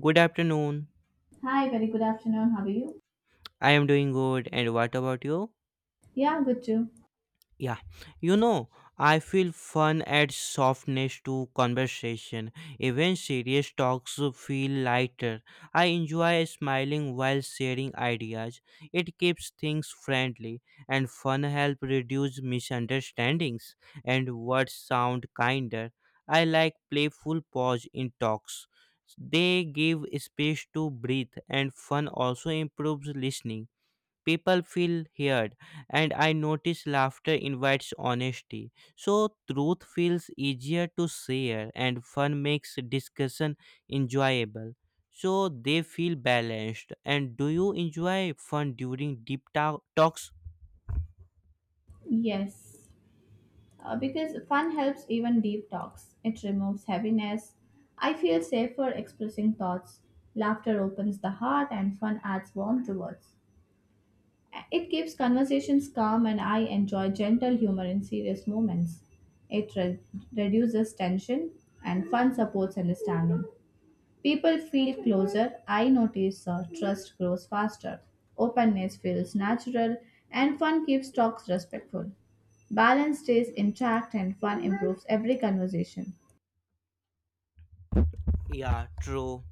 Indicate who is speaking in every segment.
Speaker 1: Good afternoon.
Speaker 2: Hi, very good afternoon. How are you?
Speaker 1: I am doing good. And what about you?
Speaker 2: Yeah, good too.
Speaker 1: Yeah. You know, I feel fun adds softness to conversation. Even serious talks feel lighter. I enjoy smiling while sharing ideas. It keeps things friendly, and fun helps reduce misunderstandings and words sound kinder. I like playful pause in talks. They give space to breathe, and fun also improves listening. People feel heard, and I notice laughter invites honesty, so truth feels easier to share. And fun makes discussion enjoyable, so they feel balanced. And do you enjoy fun during deep talks?
Speaker 2: Yes, because fun helps even deep talks. It removes heaviness. I feel safer expressing thoughts. Laughter opens the heart, and fun adds warmth to words. It keeps conversations calm, and I enjoy gentle humor in serious moments. It re- Reduces tension, and fun supports understanding. People feel closer, I notice trust grows faster, openness feels natural, and fun keeps talks respectful. Balance stays intact, and fun improves every conversation.
Speaker 1: Yeah, true.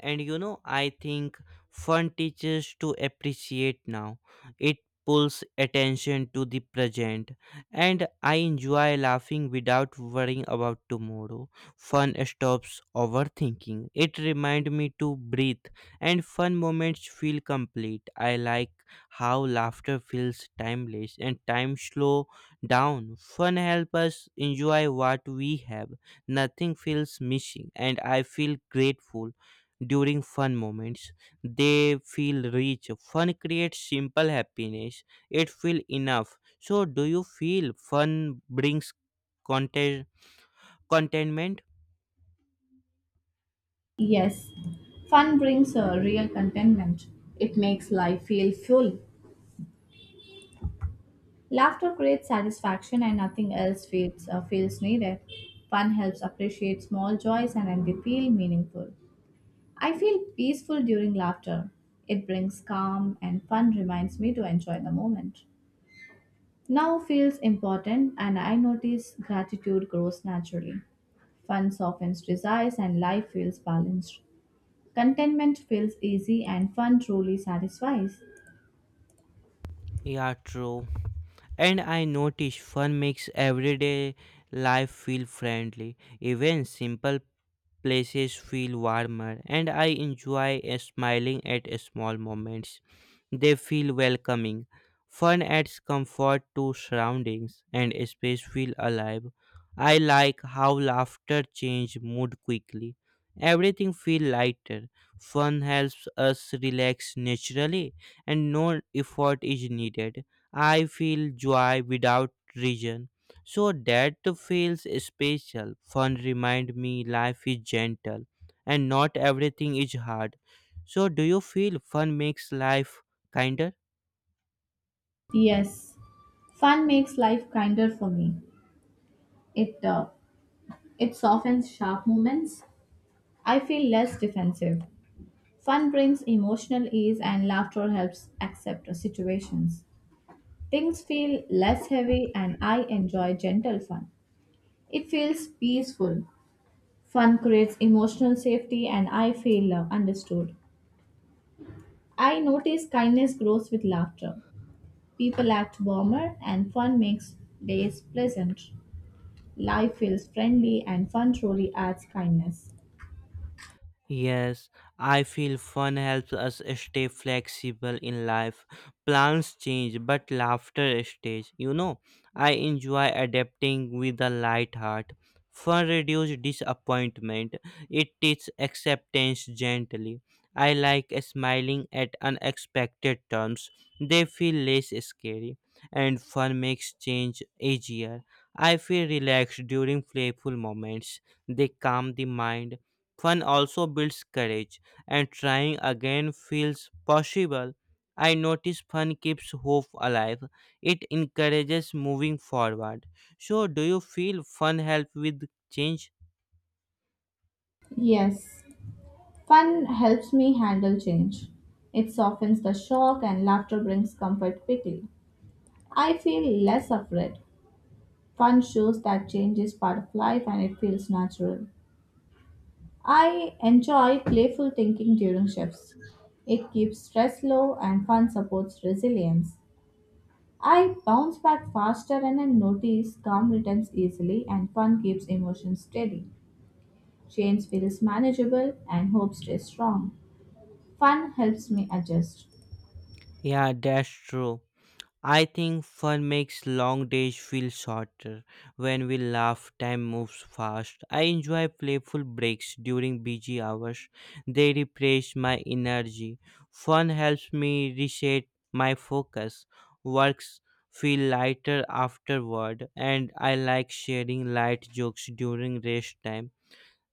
Speaker 1: And you know, I think fun teaches to appreciate now. It pulls attention to the present, and I enjoy laughing without worrying about tomorrow. Fun stops overthinking. It reminds me to breathe, and fun moments feel complete. I like how laughter feels timeless and time slow down. Fun helps us enjoy what we have. Nothing feels missing, and I feel grateful during fun moments. They feel rich. Fun creates simple happiness. It feel enough. So do you feel fun brings content contentment?
Speaker 2: Yes, fun brings a real contentment. It makes life feel full. Laughter creates satisfaction, and nothing else feels needed. Fun helps appreciate small joys and then they feel meaningful. I feel peaceful during laughter. It brings calm and fun reminds me to enjoy the moment. Now feels important and I notice gratitude grows naturally. Fun softens desires and life feels balanced. Contentment feels easy and fun truly satisfies.
Speaker 1: Yeah, true. And I notice fun makes everyday life feel friendly. Even simple places feel warmer, and I enjoy smiling at small moments. They feel welcoming. Fun adds comfort to surroundings, and space feel alive. I like how laughter change mood quickly. Everything feel lighter. Fun helps us relax naturally, and no effort is needed. I feel joy without reason. So that feels special. Fun remind me life is gentle and not everything is hard. So do you feel fun makes life kinder?
Speaker 2: Yes, fun makes life kinder for me. It uh, it softens sharp moments. I feel less defensive. Fun brings emotional ease and laughter helps accept situations. Things feel less heavy and I enjoy gentle fun. It feels peaceful. Fun creates emotional safety and I feel understood. I notice kindness grows with laughter. People act warmer and fun makes days pleasant. Life feels friendly and fun truly adds kindness.
Speaker 1: Yes, I feel fun helps us stay flexible in life. Plans change, but laughter stays. You know, I enjoy adapting with a light heart. Fun reduces disappointment, it teaches acceptance gently. I like smiling at unexpected terms, they feel less scary, and fun makes change easier. I feel relaxed during playful moments, they calm the mind. Fun also builds courage, and trying again feels possible. I notice fun keeps hope alive. It encourages moving forward. So, do you feel fun help with change?
Speaker 2: Yes, fun helps me handle change. It softens the shock and laughter brings comfort quickly. I feel less afraid. Fun shows that change is part of life and it feels natural. I enjoy playful thinking during shifts. It keeps stress low and fun supports resilience. I bounce back faster and I notice calm returns easily and fun keeps emotions steady. Change feels manageable and hope stays strong. Fun helps me adjust.
Speaker 1: Yeah, that's true. I think fun makes long days feel shorter. When we laugh, time moves fast. I enjoy playful breaks during busy hours. They refresh my energy. Fun helps me reset my focus. Works feel lighter afterward, and I like sharing light jokes during rest time,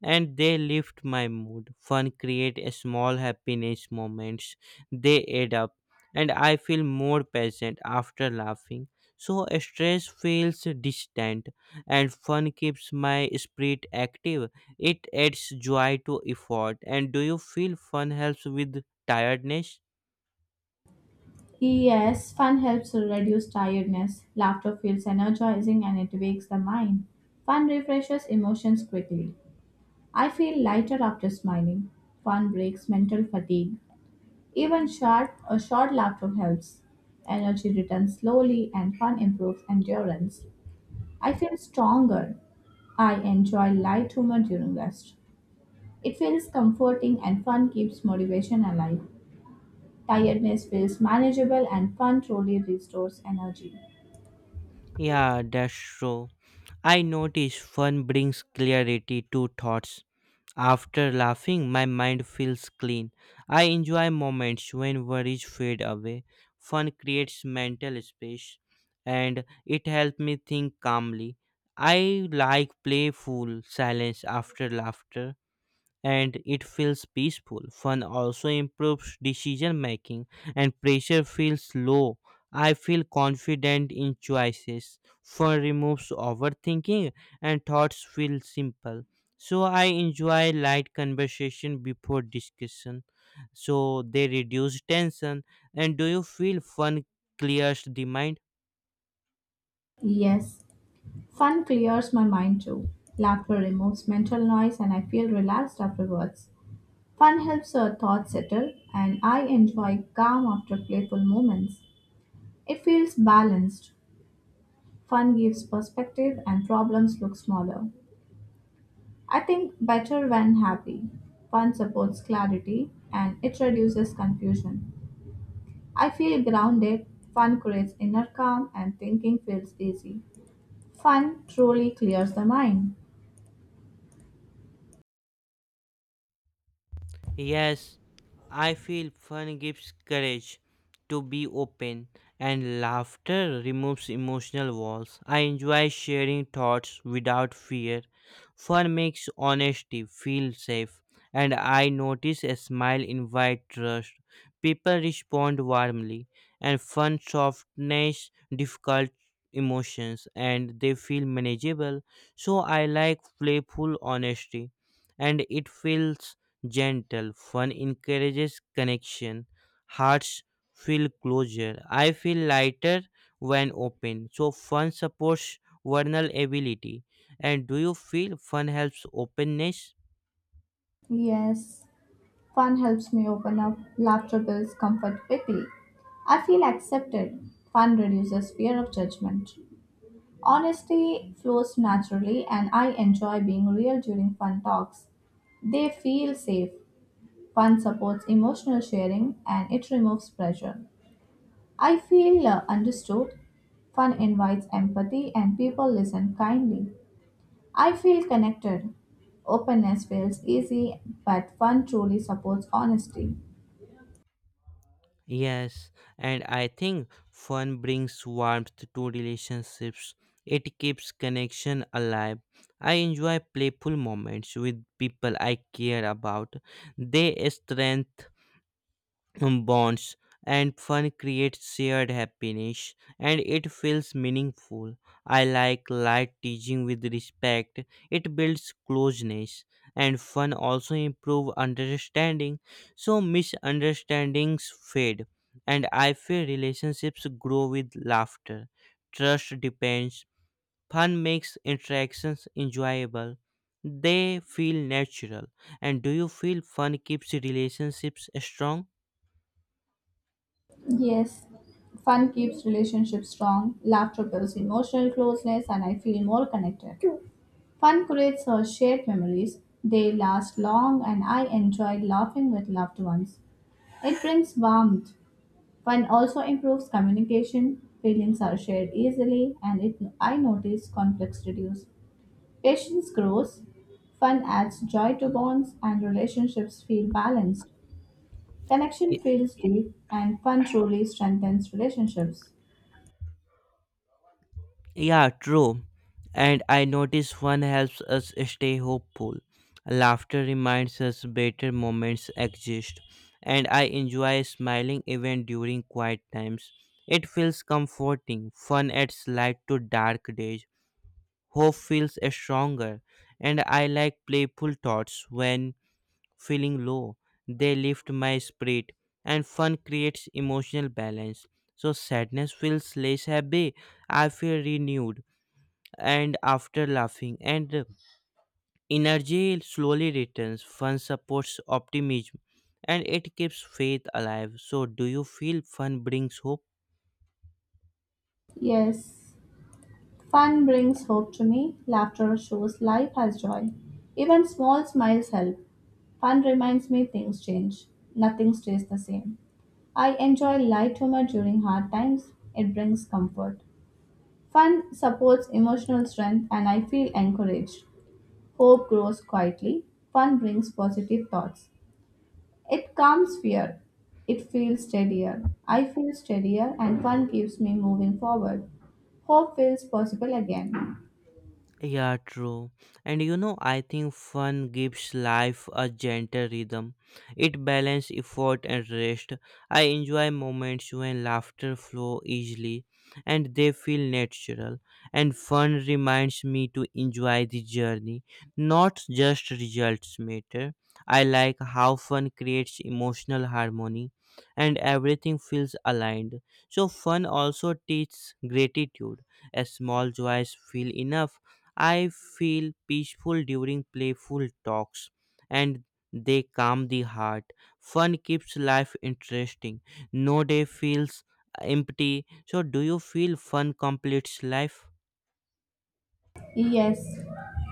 Speaker 1: and they lift my mood. Fun create a small happiness moments. They add up, and I feel more present after laughing. So stress feels distant, and fun keeps my spirit active. It adds joy to effort. And do you feel fun helps with tiredness?
Speaker 2: Yes, fun helps reduce tiredness. Laughter feels energizing and it wakes the mind. Fun refreshes emotions quickly. I feel lighter after smiling. Fun breaks mental fatigue. Even short a short laughter helps. Energy returns slowly and fun improves endurance. I feel stronger. I enjoy light humor during rest. It feels comforting and fun keeps motivation alive. Tiredness feels manageable and fun truly restores energy.
Speaker 1: Yeah, that's true. I notice fun brings clarity to thoughts. After laughing, my mind feels clean. I enjoy moments when worries fade away. Fun creates mental space, and it helps me think calmly. I like playful silence after laughter, and it feels peaceful. Fun also improves decision making, and pressure feels low. I feel confident in choices. Fun removes overthinking, and thoughts feel simple. So I enjoy light conversation before discussion. So they reduce tension. And do you feel fun clears the mind?
Speaker 2: Yes, fun clears my mind too. Laughter removes mental noise and I feel relaxed afterwards. Fun helps our thoughts settle, and I enjoy calm after playful moments. It feels balanced. Fun gives perspective, and problems look smaller. I think better when happy. Fun supports clarity, and it reduces confusion. I feel grounded. Fun creates inner calm, and thinking feels easy. Fun truly clears the mind.
Speaker 1: Yes, I feel fun gives courage to be open, and laughter removes emotional walls. I enjoy sharing thoughts without fear. Fun makes honesty feel safe, and I notice a smile invite trust. People respond warmly, and fun softens difficult emotions, and they feel manageable. So I like playful honesty, and it feels gentle. Fun encourages connection. Hearts feel closer. I feel lighter when open. So fun supports vulnerability. And do you feel fun helps openness?
Speaker 2: Yes. Fun helps me open up, laughter builds comfort quickly. I feel accepted. Fun reduces fear of judgment. Honesty flows naturally, and I enjoy being real during fun talks. They feel safe. Fun supports emotional sharing and it removes pressure. I feel understood. Fun invites empathy and people listen kindly. I feel connected. Openness feels easy, but fun truly supports honesty.
Speaker 1: Yes, and I think fun brings warmth to relationships. It keeps connection alive. I enjoy playful moments with people I care about. They strengthen bonds, and fun creates shared happiness, and it feels meaningful. I like light teaching with respect. It builds closeness, and fun also improve understanding, so misunderstandings fade. And I feel relationships grow with laughter. Trust depends. Fun makes interactions enjoyable, they feel natural. And do you feel fun keeps relationships strong?
Speaker 2: Yes, fun keeps relationships strong, laughter builds emotional closeness, and I feel more connected. Fun creates shared memories. They last long, and I enjoy laughing with loved ones. It brings warmth. Fun also improves communication. Feelings are shared easily, and it I notice conflicts reduce. Patience grows. Fun adds joy to bonds, and relationships feel balanced. Connection feels deep, and fun truly strengthens relationships.
Speaker 1: Yeah, true. And I notice one helps us stay hopeful. Laughter reminds us better moments exist. And I enjoy smiling even during quiet times. It feels comforting. Fun adds light to dark days. Hope feels stronger. And I like playful thoughts when feeling low. They lift my spirit. And fun creates emotional balance. So sadness feels less heavy. I feel renewed and after laughing, and energy slowly returns. Fun supports optimism, and it keeps faith alive. So do you feel fun brings hope?
Speaker 2: Yes, fun brings hope to me. Laughter shows life has joy. Even small smiles help. Fun reminds me things change. Nothing stays the same. I enjoy light humor during hard times. It brings comfort. Fun supports emotional strength and I feel encouraged. Hope grows quietly. Fun brings positive thoughts. It calms fear. It feels steadier. I feel steadier, and fun keeps me moving forward. Hope feels possible again.
Speaker 1: Yeah, true. And you know, I think fun gives life a gentle rhythm. It balances effort and rest. I enjoy moments when laughter flow easily, and they feel natural. And fun reminds me to enjoy the journey, not just results matter. I like how fun creates emotional harmony, and everything feels aligned. So fun also teaches gratitude. As small joys feel enough, I feel peaceful during playful talks, and they calm the heart. Fun keeps life interesting. No day feels empty. So, do you feel fun completes life?
Speaker 2: Yes,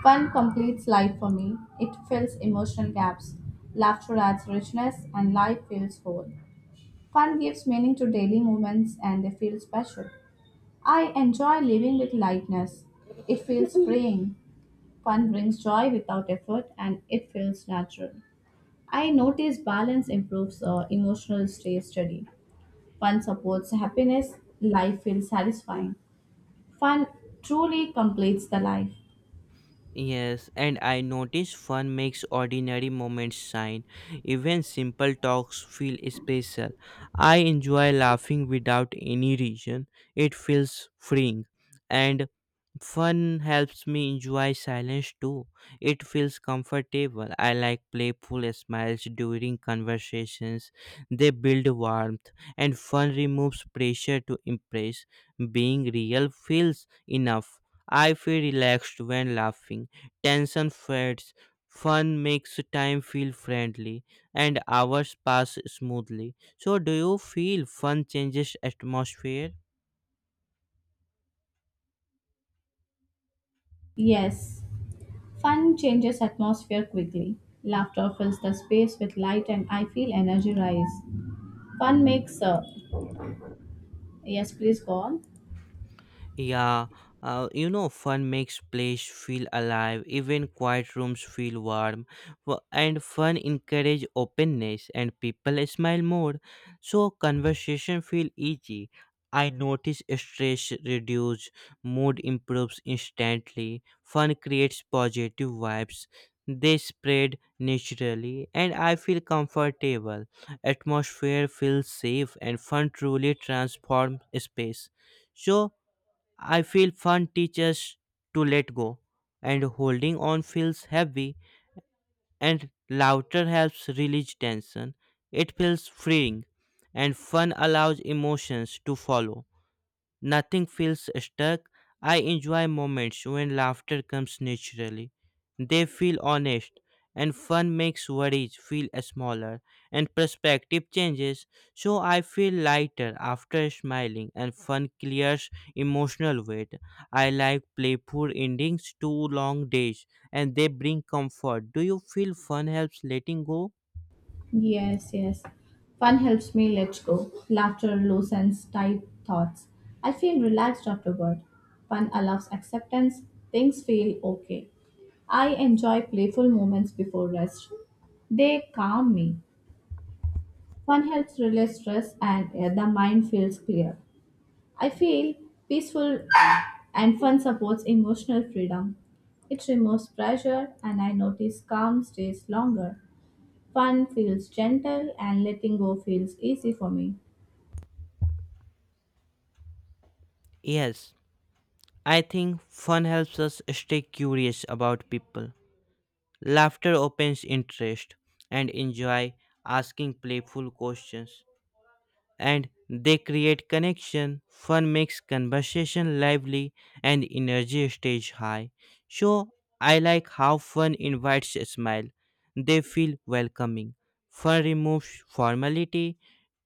Speaker 2: fun completes life for me. It fills emotional gaps. Laughter adds richness, and life feels whole. Fun gives meaning to daily moments, and they feel special. I enjoy living with lightness. It feels freeing. Fun brings joy without effort, and it feels natural. I notice balance improves emotional stress. Study fun supports happiness, life feels satisfying. Fun truly completes the life.
Speaker 1: Yes, and I notice fun makes ordinary moments shine. Even simple talks feel special. I enjoy laughing without any reason. It feels freeing. And fun helps me enjoy silence too. It feels comfortable. I like playful smiles during conversations. They build warmth, and fun removes pressure to impress. Being real feels enough. I feel relaxed when laughing. Tension fades. Fun makes time feel friendly, and hours pass smoothly. So, do you feel fun changes atmosphere?
Speaker 2: Yes, fun changes atmosphere quickly. Laughter fills the space with light and I feel energized. Fun makes yes, please go on.
Speaker 1: Yeah, you know, fun makes place feel alive. Even quiet rooms feel warm, and fun encourage openness, and people smile more. So conversation feel easy. I notice stress reduce, mood improves instantly. Fun creates positive vibes. They spread naturally, and I feel comfortable. Atmosphere feels safe, and fun truly transforms space. So I feel fun teaches to let go, and holding on feels heavy, and laughter helps release tension. It feels freeing, and fun allows emotions to follow. Nothing feels stuck. I enjoy moments when laughter comes naturally. They feel honest, and fun makes worries feel smaller, and perspective changes, so I feel lighter after smiling, and fun clears emotional weight. I like playful endings to long days, and they bring comfort. Do you feel fun helps letting go?
Speaker 2: Yes. Fun helps me let go. Laughter loosens tight thoughts. I feel relaxed afterward. Fun allows acceptance. Things feel okay. I enjoy playful moments before rest. They calm me. Fun helps release stress and the mind feels clear. I feel peaceful and fun supports emotional freedom. It removes pressure and I notice calm stays longer. Fun feels gentle and letting go feels easy for me.
Speaker 1: Yes, I think fun helps us stay curious about people. Laughter opens interest, and enjoy asking playful questions, and they create connection. Fun makes conversation lively, and energy stays high. So I like how fun invites a smile. They feel welcoming. Fun removes formality.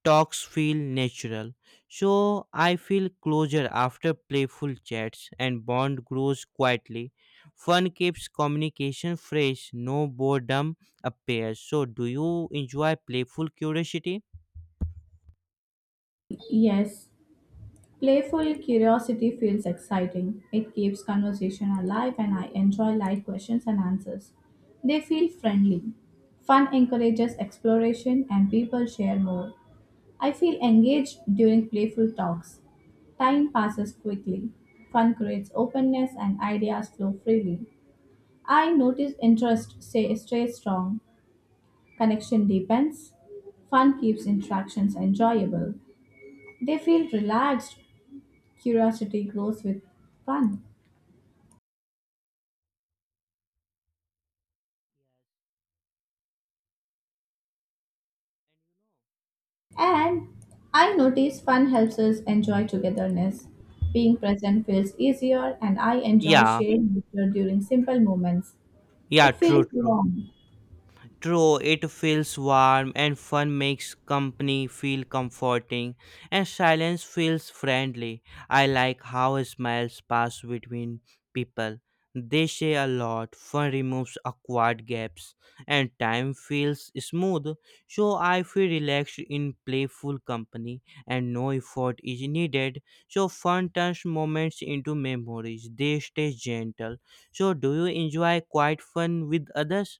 Speaker 1: Talks feel natural. So I feel closer after playful chats, and bond grows quietly. Fun keeps communication fresh, no boredom appears. So do you enjoy playful curiosity?
Speaker 2: Yes, playful curiosity feels exciting. It keeps conversation alive and I enjoy light questions and answers. They feel friendly. Fun encourages exploration and people share more. I feel engaged during playful talks. Time passes quickly. Fun creates openness and ideas flow freely. I notice stays strong. Connection deepens, fun keeps interactions enjoyable, they feel relaxed, curiosity grows with fun. And I notice fun helps us enjoy togetherness. Being present feels easier, and I enjoy
Speaker 1: Yeah,
Speaker 2: sharing laughter during simple moments.
Speaker 1: yeah,
Speaker 2: It
Speaker 1: true,
Speaker 2: feels
Speaker 1: true.
Speaker 2: warm.
Speaker 1: True, it feels warm, and fun makes company feel comforting, and silence feels friendly. I like how smiles pass between people. They say a lot. Fun removes awkward gaps, and time feels smooth. So I feel relaxed in playful company, and no effort is needed. So fun turns moments into memories. They stay gentle. So do you enjoy quiet fun with others?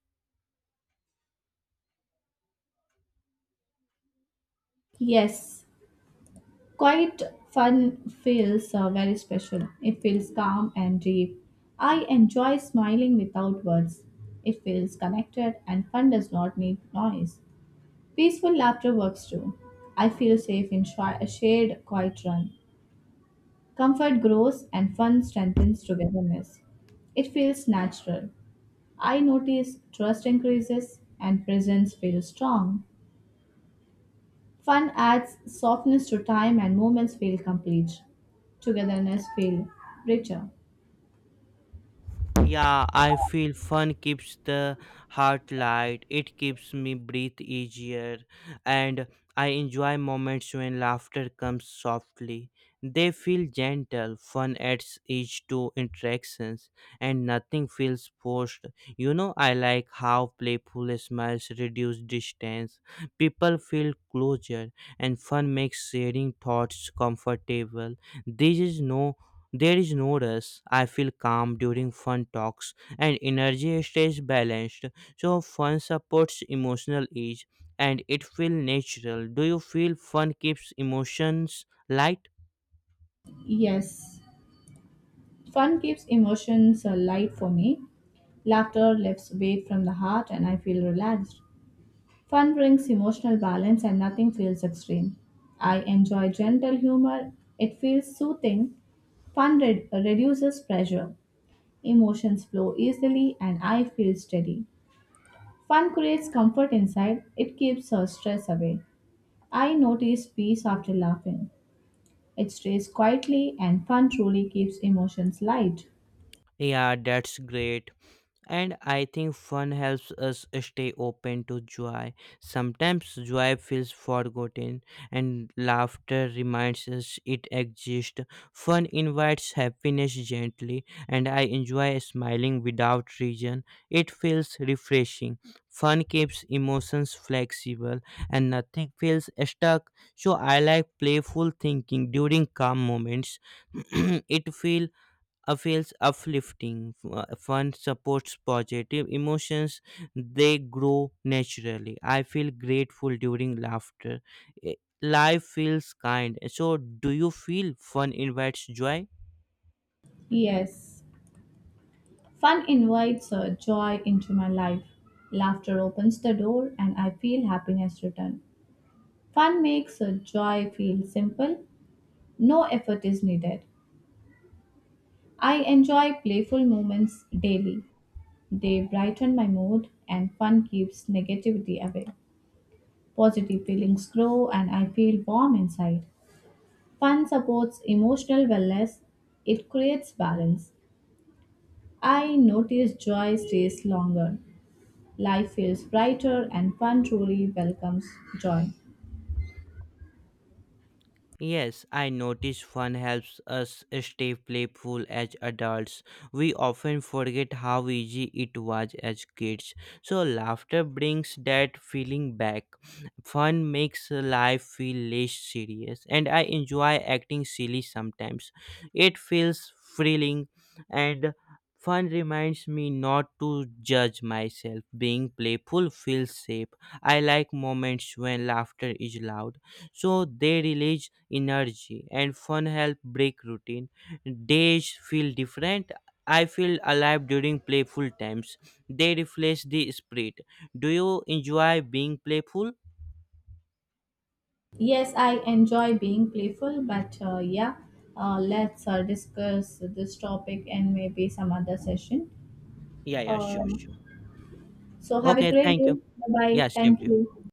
Speaker 2: Yes, quiet fun feels very special. It feels calm and deep. I enjoy smiling without words. It feels connected and fun does not need noise. Peaceful laughter works too. I feel safe in a shared quiet run. Comfort grows and fun strengthens togetherness. It feels natural. I notice trust increases and presence feels strong. Fun adds softness to time and moments feel complete. Togetherness feel richer.
Speaker 1: Yeah, I feel fun keeps the heart light. It keeps me breathe easier, and I enjoy moments when laughter comes softly. They feel gentle. Fun adds each to interactions, and nothing feels forced. You know, I like how playful smiles reduce distance. People feel closer, and fun makes sharing thoughts comfortable. There is no there is no rush. I feel calm during fun talks, and energy stays balanced. So fun supports emotional ease, and it feels natural. Do you feel fun keeps emotions light?
Speaker 2: Yes, fun keeps emotions light for me. Laughter lifts weight from the heart and I feel relaxed. Fun brings emotional balance and nothing feels extreme. I enjoy gentle humor. It feels soothing. Reduces pressure. Emotions flow easily and I feel steady. Fun creates comfort inside. It keeps stress away. I noticed peace after laughing. It stays quietly, and fun truly keeps emotions light.
Speaker 1: Yeah, that's great. And I think fun helps us stay open to joy. Sometimes joy feels forgotten, and laughter reminds us it exists. Fun invites happiness gently, and I enjoy smiling without reason. It feels refreshing. Fun keeps emotions flexible, and nothing feels stuck. So I like playful thinking during calm moments. It feels uplifting. Fun supports positive emotions, they grow naturally. I feel grateful during laughter. Eh, Life feels kind. So, do you feel fun invites joy?
Speaker 2: Yes, fun invites joy into my life. Laughter opens the door, and I feel happiness return. Fun makes joy feel simple, no effort is needed. I enjoy playful moments daily. They brighten my mood, and fun keeps negativity away. Positive feelings grow, and I feel warm inside. Fun supports emotional wellness, it creates balance. I notice joy stays longer, life feels brighter, and fun truly welcomes joy.
Speaker 1: Yes, I notice fun helps us stay playful as adults. We often forget how easy it was as kids. So, laughter brings that feeling back. Fun makes life feel less serious, and I enjoy acting silly sometimes. It feels thrilling, and fun reminds me not to judge myself. Being playful feels safe. I like moments when laughter is loud, so they release energy. And fun help break routine. Days feel different. I feel alive during playful times. They refresh the spirit. Do you enjoy being playful?
Speaker 2: Yes, I enjoy being playful, but let's discuss this topic and maybe some other session.
Speaker 1: Yeah, yeah, sure, sure.
Speaker 2: Um, so, have a
Speaker 1: Okay,
Speaker 2: great
Speaker 1: thank
Speaker 2: day.
Speaker 1: you.
Speaker 2: Bye bye.
Speaker 1: Yeah, same
Speaker 2: Thank
Speaker 1: to you.
Speaker 2: you.